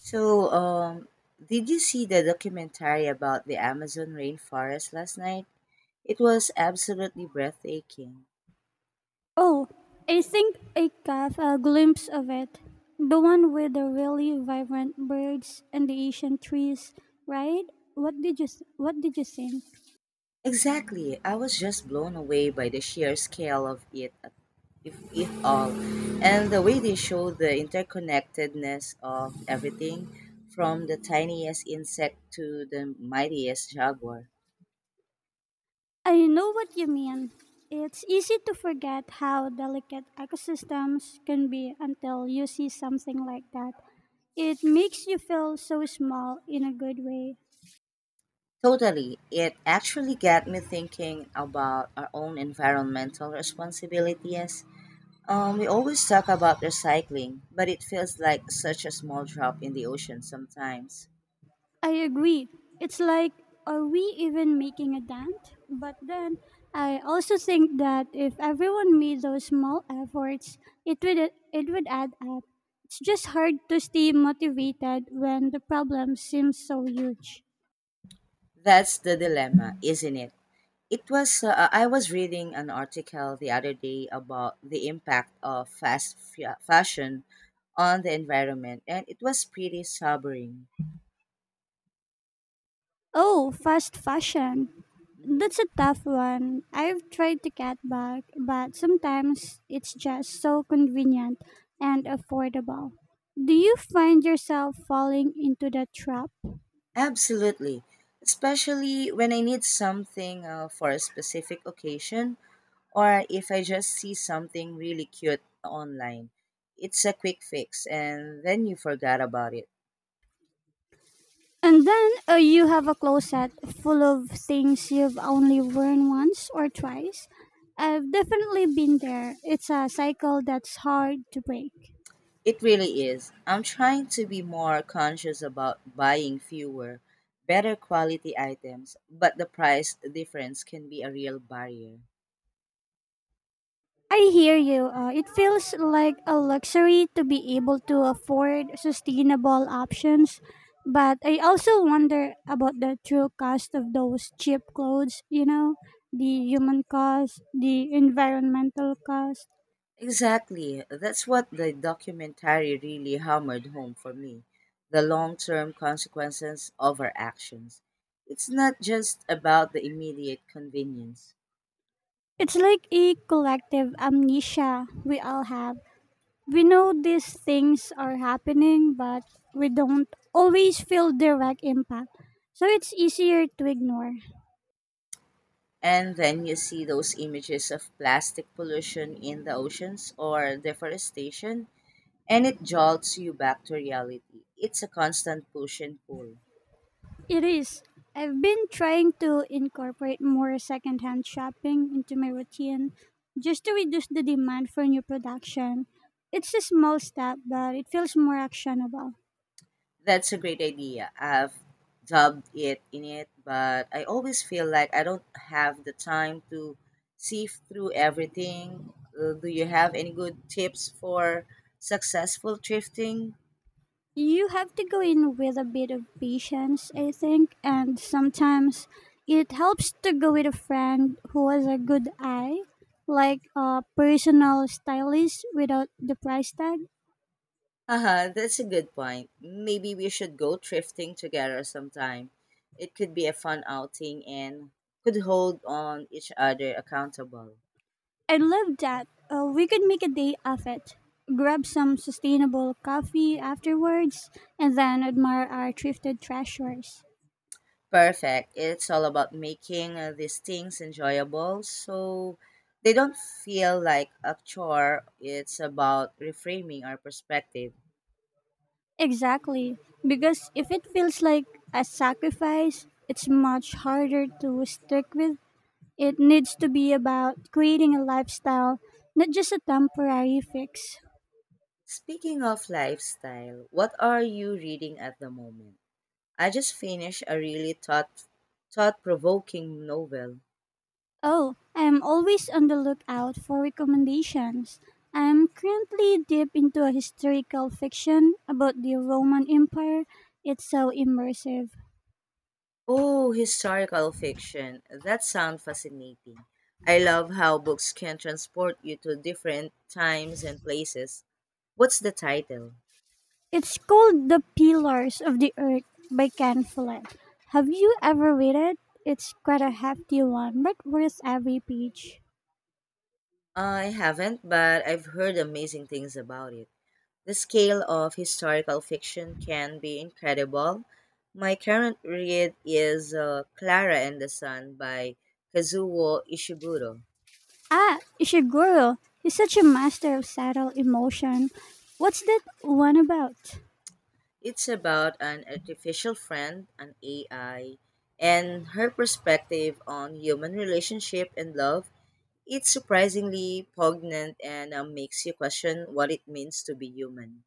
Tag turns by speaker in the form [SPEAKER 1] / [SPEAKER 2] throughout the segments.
[SPEAKER 1] So, um, did you see the documentary about the Amazon rainforest last night? It was absolutely breathtaking.
[SPEAKER 2] Oh, I think I caught a glimpse of it. The one with the really vibrant birds and the Asian trees, right? What did you What did you think?
[SPEAKER 1] Exactly. I was just blown away by the sheer scale of it, if it all, and the way they show the interconnectedness of everything from the tiniest insect to the mightiest jaguar.
[SPEAKER 2] I know what you mean. It's easy to forget how delicate ecosystems can be until you see something like that. It makes you feel so small in a good way.
[SPEAKER 1] Totally. It actually got me thinking about our own environmental responsibilities. We always talk about recycling, but it feels like such a small drop in the ocean sometimes.
[SPEAKER 2] I agree. It's like, are we even making a dent? But then, I also think that if everyone made those small efforts, it would add up. It's just hard to stay motivated when the problem seems so huge.
[SPEAKER 1] That's the dilemma, isn't it? It was I was reading an article the other day about the impact of fast fashion on the environment, and it was pretty sobering.
[SPEAKER 2] Oh, fast fashion.
[SPEAKER 1] Mhm.
[SPEAKER 2] That's a tough one. I've tried to cut back, but sometimes it's just so convenient and affordable. Do you find yourself falling into that trap?
[SPEAKER 1] Absolutely, especially when I need something for a specific occasion, or if I just see something really cute online. It's a quick fix and then you forgot about it.
[SPEAKER 2] And then you have a closet full of things you've only worn once or twice. I've definitely been there. It's a cycle that's hard to break.
[SPEAKER 1] It really is. I'm trying to be more conscious about buying fewer, better quality items, but the price difference can be a real barrier.
[SPEAKER 2] I hear you. It feels like a luxury to be able to afford sustainable options. But I also wonder about the true cost of those cheap clothes, you know, the human cost, the environmental cost.
[SPEAKER 1] Exactly. That's what the documentary really hammered home for me, the long term consequences of our actions. It's not just about the immediate convenience.
[SPEAKER 2] It's like a collective amnesia we all have. We know these things are happening, but we don't always feel direct impact. So it's easier to ignore.
[SPEAKER 1] And then you see those images of plastic pollution in the oceans or deforestation, and it jolts you back to reality. It's a constant push and pull.
[SPEAKER 2] It is. I've been trying to incorporate more secondhand shopping into my routine just to reduce the demand for new production. It's a small step, but it feels more actionable.
[SPEAKER 1] That's a great idea. I've dubbed it in it, but I always feel like I don't have the time to sift through everything. Do you have any good tips for successful thrifting?
[SPEAKER 2] You have to go in with a bit of patience, I think, and sometimes it helps to go with a friend who has a good eye, like a personal stylist without the price tag.
[SPEAKER 1] Haha, that's a good point. Maybe we should go thrifting together sometime. It could be a fun outing and could hold on each other accountable.
[SPEAKER 2] I love that. We could make a day of it. Grab some sustainable coffee afterwards and then admire our thrifted treasures.
[SPEAKER 1] Perfect. It's all about making these things enjoyable so they don't feel like a chore. It's about reframing our perspective.
[SPEAKER 2] Exactly, because if it feels like a sacrifice, it's much harder to stick with. It needs to be about creating a lifestyle, not just a temporary fix.
[SPEAKER 1] Speaking of lifestyle, what are you reading at the moment? I just finished a really thought-provoking novel.
[SPEAKER 2] Oh, I'm always on the lookout for recommendations. I'm currently deep into a historical fiction about the Roman Empire. It's so immersive.
[SPEAKER 1] Oh, historical fiction. That sounds fascinating. I love how books can transport you to different times and places. What's the title?
[SPEAKER 2] It's called The Pillars of the Earth by Ken Follett. Have you ever read it? It's quite a hefty one, but worth every page.
[SPEAKER 1] I haven't, but I've heard amazing things about it. The scale of historical fiction can be incredible. My current read is Clara and the Sun by Kazuo Ishiguro.
[SPEAKER 2] Ah, Ishiguro. He's such a master of subtle emotion. What's that one about?
[SPEAKER 1] It's about an artificial friend, an AI, and her perspective on human relationship and love. It's surprisingly poignant, and makes you question what it means to be human.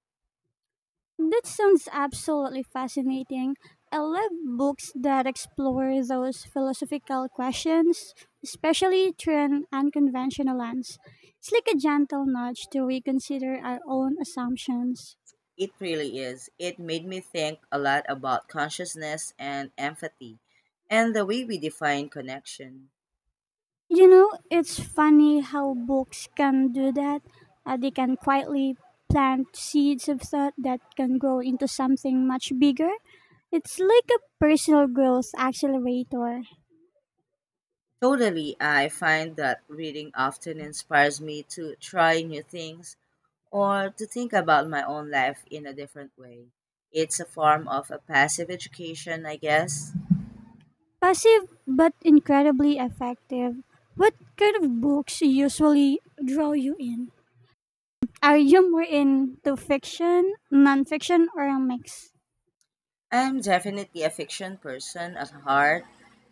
[SPEAKER 2] That sounds absolutely fascinating. I love books that explore those philosophical questions, especially through an unconventional lens. It's like a gentle nudge to reconsider our own assumptions.
[SPEAKER 1] It really is. It made me think a lot about consciousness and empathy and the way we define connection.
[SPEAKER 2] You know, it's funny how books can do that. They can quietly plant seeds of thought that can grow into something much bigger. It's like a personal growth accelerator.
[SPEAKER 1] Totally, I find that reading often inspires me to try new things or to think about my own life in a different way. It's a form of a passive education, I guess.
[SPEAKER 2] Passive but incredibly effective. What kind of books usually draw you in? Are you more into fiction, nonfiction, or a mix?
[SPEAKER 1] I'm definitely a fiction person at heart,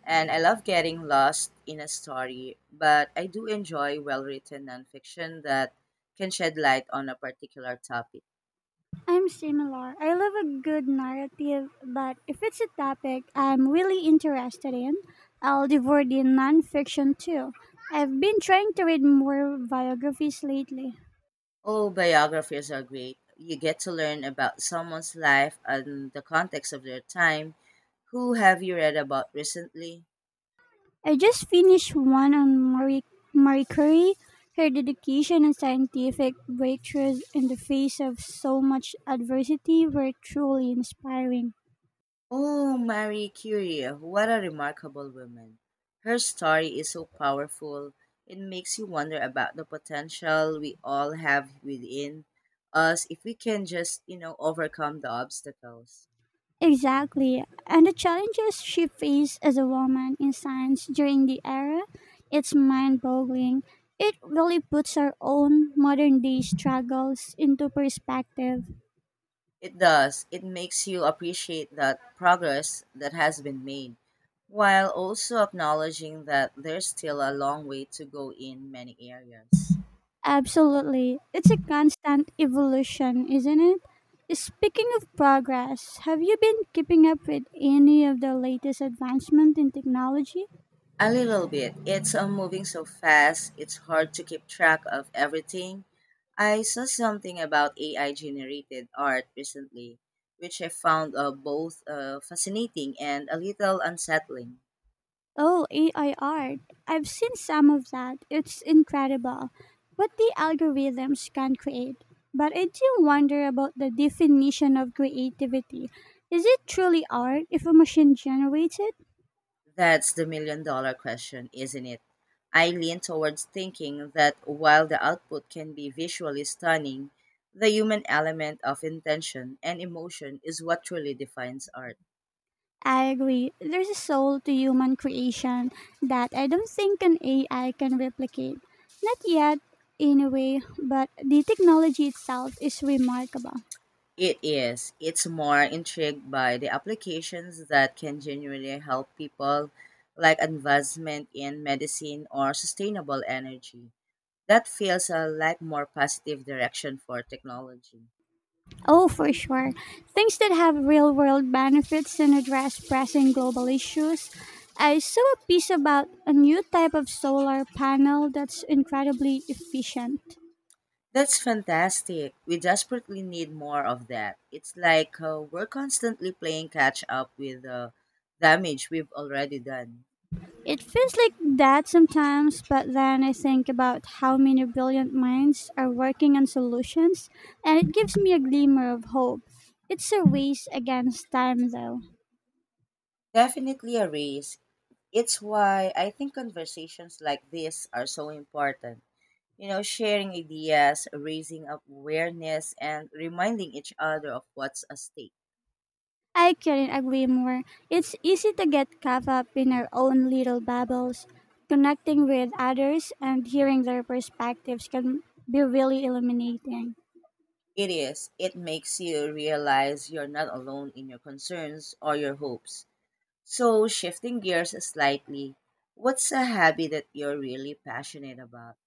[SPEAKER 1] and I love getting lost in a story, but I do enjoy well written nonfiction that can shed light on a particular topic.
[SPEAKER 2] I'm similar. I love a good narrative, but if it's a topic I'm really interested in, I'll devour the nonfiction too. I've been trying to read more biographies lately.
[SPEAKER 1] Oh, biographies are great. You get to learn about someone's life and the context of their time. Who have you read about recently?
[SPEAKER 2] I just finished one on Marie Curie, her dedication and scientific breakthroughs in the face of so much adversity were truly inspiring.
[SPEAKER 1] Oh, Marie Curie, what a remarkable woman. Her story is so powerful, it makes you wonder about the potential we all have within us if we can just, you know, overcome the obstacles.
[SPEAKER 2] Exactly. And the challenges she faced as a woman in science during the era, it's mind boggling. It really puts our own modern day struggles into perspective.
[SPEAKER 1] It does. It makes you appreciate that progress that has been made, while also acknowledging that there's still a long way to go in many areas.
[SPEAKER 2] Absolutely. It's a constant evolution, isn't it? Speaking of progress, have you been keeping up with any of the latest advancement in technology?
[SPEAKER 1] A little bit. It's all moving so fast, it's hard to keep track of everything. I saw something about AI generated art recently, which I found both fascinating and a little unsettling.
[SPEAKER 2] Oh, AI art. I've seen some of that. It's incredible what the algorithms can create. But I do wonder about the definition of creativity. Is it truly art if a machine generates it?
[SPEAKER 1] That's the million dollar question, isn't it? I lean towards thinking that while the output can be visually stunning, the human element of intention and emotion is what truly defines art.
[SPEAKER 2] I agree. There's a soul to human creation that I don't think an AI can replicate. Not yet, anyway, but the technology itself is remarkable.
[SPEAKER 1] It is. It's more intrigued by the applications that can genuinely help people, like advancement in medicine or sustainable energy. That feels a like more positive direction for technology.
[SPEAKER 2] Oh, for sure. Things that have real world benefits and address pressing global issues. I saw a piece about a new type of solar panel that's incredibly efficient.
[SPEAKER 1] That's fantastic. We desperately need more of that. It's like we're constantly playing catch up with the damage we've already done.
[SPEAKER 2] It feels like that sometimes, but then I think about how many brilliant minds are working on solutions, and it gives me a glimmer of hope. It's a race against time, though.
[SPEAKER 1] Definitely a race. It's why I think conversations like this are so important. You know, sharing ideas, raising awareness, and reminding each other of what's at stake.
[SPEAKER 2] I couldn't agree more. It's easy to get caught up in our own little bubbles. Connecting with others and hearing their perspectives can be really illuminating.
[SPEAKER 1] It is. It makes you realize you're not alone in your concerns or your hopes. So, shifting gears slightly, what's a habit that you're really passionate about?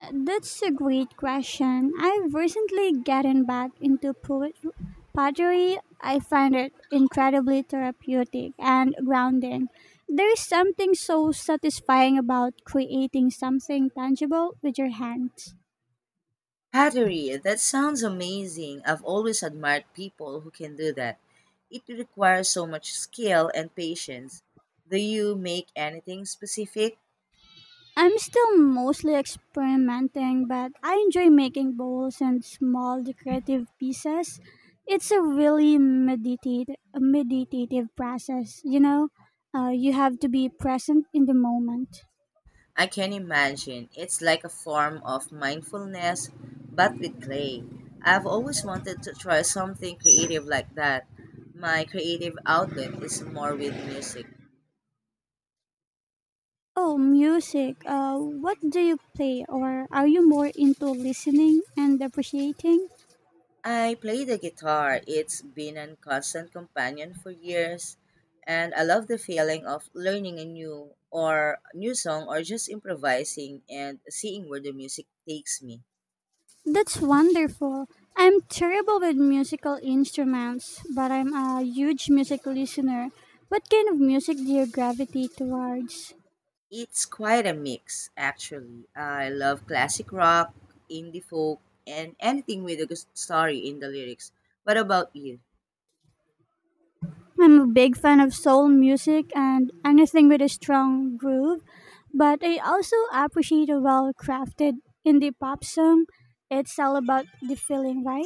[SPEAKER 2] That's a great question. I've recently gotten back into pottery. I find it incredibly therapeutic and grounding. There is something so satisfying about creating something tangible with your hands.
[SPEAKER 1] Pottery, that sounds amazing. I've always admired people who can do that. It requires so much skill and patience. Do you make anything specific?
[SPEAKER 2] I'm still mostly experimenting, but I enjoy making bowls and small decorative pieces. It's a really meditative process, you know? You have to be present in the moment.
[SPEAKER 1] I can imagine. It's like a form of mindfulness, but with clay. I've always wanted to try something creative like that. My creative outlet is more with music.
[SPEAKER 2] Oh, music. What do you play, or are you more into listening and appreciating?
[SPEAKER 1] I play the guitar. It's been a constant companion for years, and I love the feeling of learning a new song or just improvising and seeing where the music takes me.
[SPEAKER 2] That's wonderful. I'm terrible with musical instruments, but I'm a huge music listener. What kind of music do you gravitate towards?
[SPEAKER 1] It's quite a mix, actually. I love classic rock, indie folk, and anything with a good story in the lyrics. What about you?
[SPEAKER 2] I'm a big fan of soul music and anything with a strong groove, but I also appreciate a well crafted indie pop song. It's all about the feeling, right?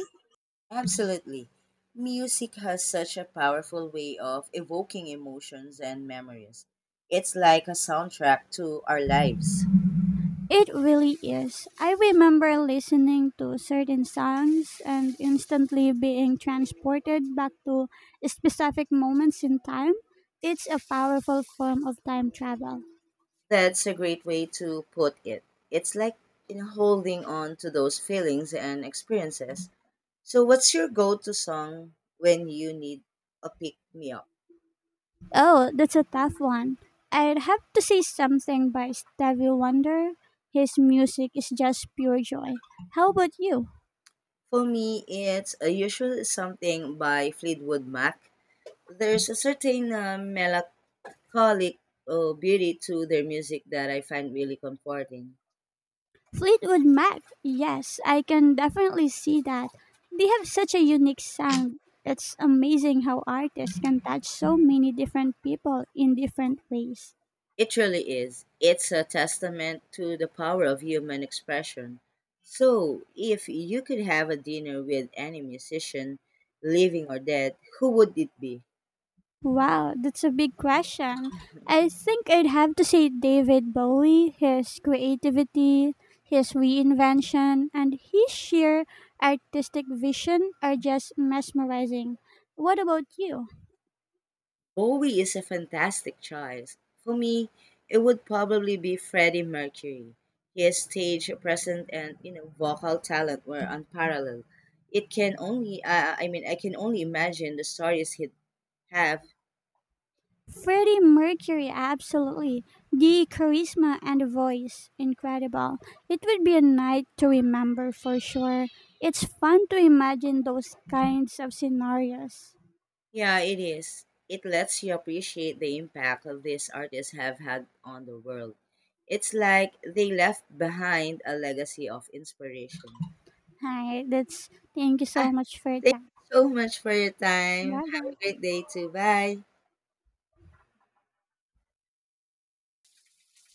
[SPEAKER 1] Absolutely. Music has such a powerful way of evoking emotions and memories. It's like a soundtrack to our lives.
[SPEAKER 2] It really is. I remember listening to certain songs and instantly being transported back to specific moments in time. It's a powerful form of time travel.
[SPEAKER 1] That's a great way to put it. It's like in holding on to those feelings and experiences. So, what's your go to song when you need a pick me up?
[SPEAKER 2] Oh, that's a tough one. I'd have to say something by Stevie Wonder. His music is just pure joy. How about you?
[SPEAKER 1] For me, it's usually something by Fleetwood Mac. There's a certain melancholic beauty to their music that I find really comforting.
[SPEAKER 2] Fleetwood Mac. Yes, I can definitely see that. They have such a unique sound. It's amazing how artists can touch so many different people in different ways.
[SPEAKER 1] It really is. It's a testament to the power of human expression. So, if you could have a dinner with any musician, living or dead, who would it be?
[SPEAKER 2] Wow, that's a big question. I think I'd have to say David Bowie, his creativity, his reinvention, and his sheer artistic vision are just mesmerizing. What about you?
[SPEAKER 1] Bowie is a fantastic choice. For me, it would probably be Freddie Mercury. His stage presence and you know vocal talent were unparalleled. It can only I mean I can only imagine the stories he'd have.
[SPEAKER 2] Freddie Mercury, absolutely. The charisma and the voice, incredible. It would be a night to remember for sure. It's fun to imagine those kinds of scenarios.
[SPEAKER 1] Yeah, it is. It lets you appreciate the impact that these artists have had on the world. It's like they left behind a legacy of inspiration.
[SPEAKER 2] Hi, that's thank you so
[SPEAKER 1] Ah,
[SPEAKER 2] much for your
[SPEAKER 1] thank
[SPEAKER 2] time.
[SPEAKER 1] you so much for your time.
[SPEAKER 2] Bye
[SPEAKER 1] Have a
[SPEAKER 2] bye.
[SPEAKER 1] great day too. Bye.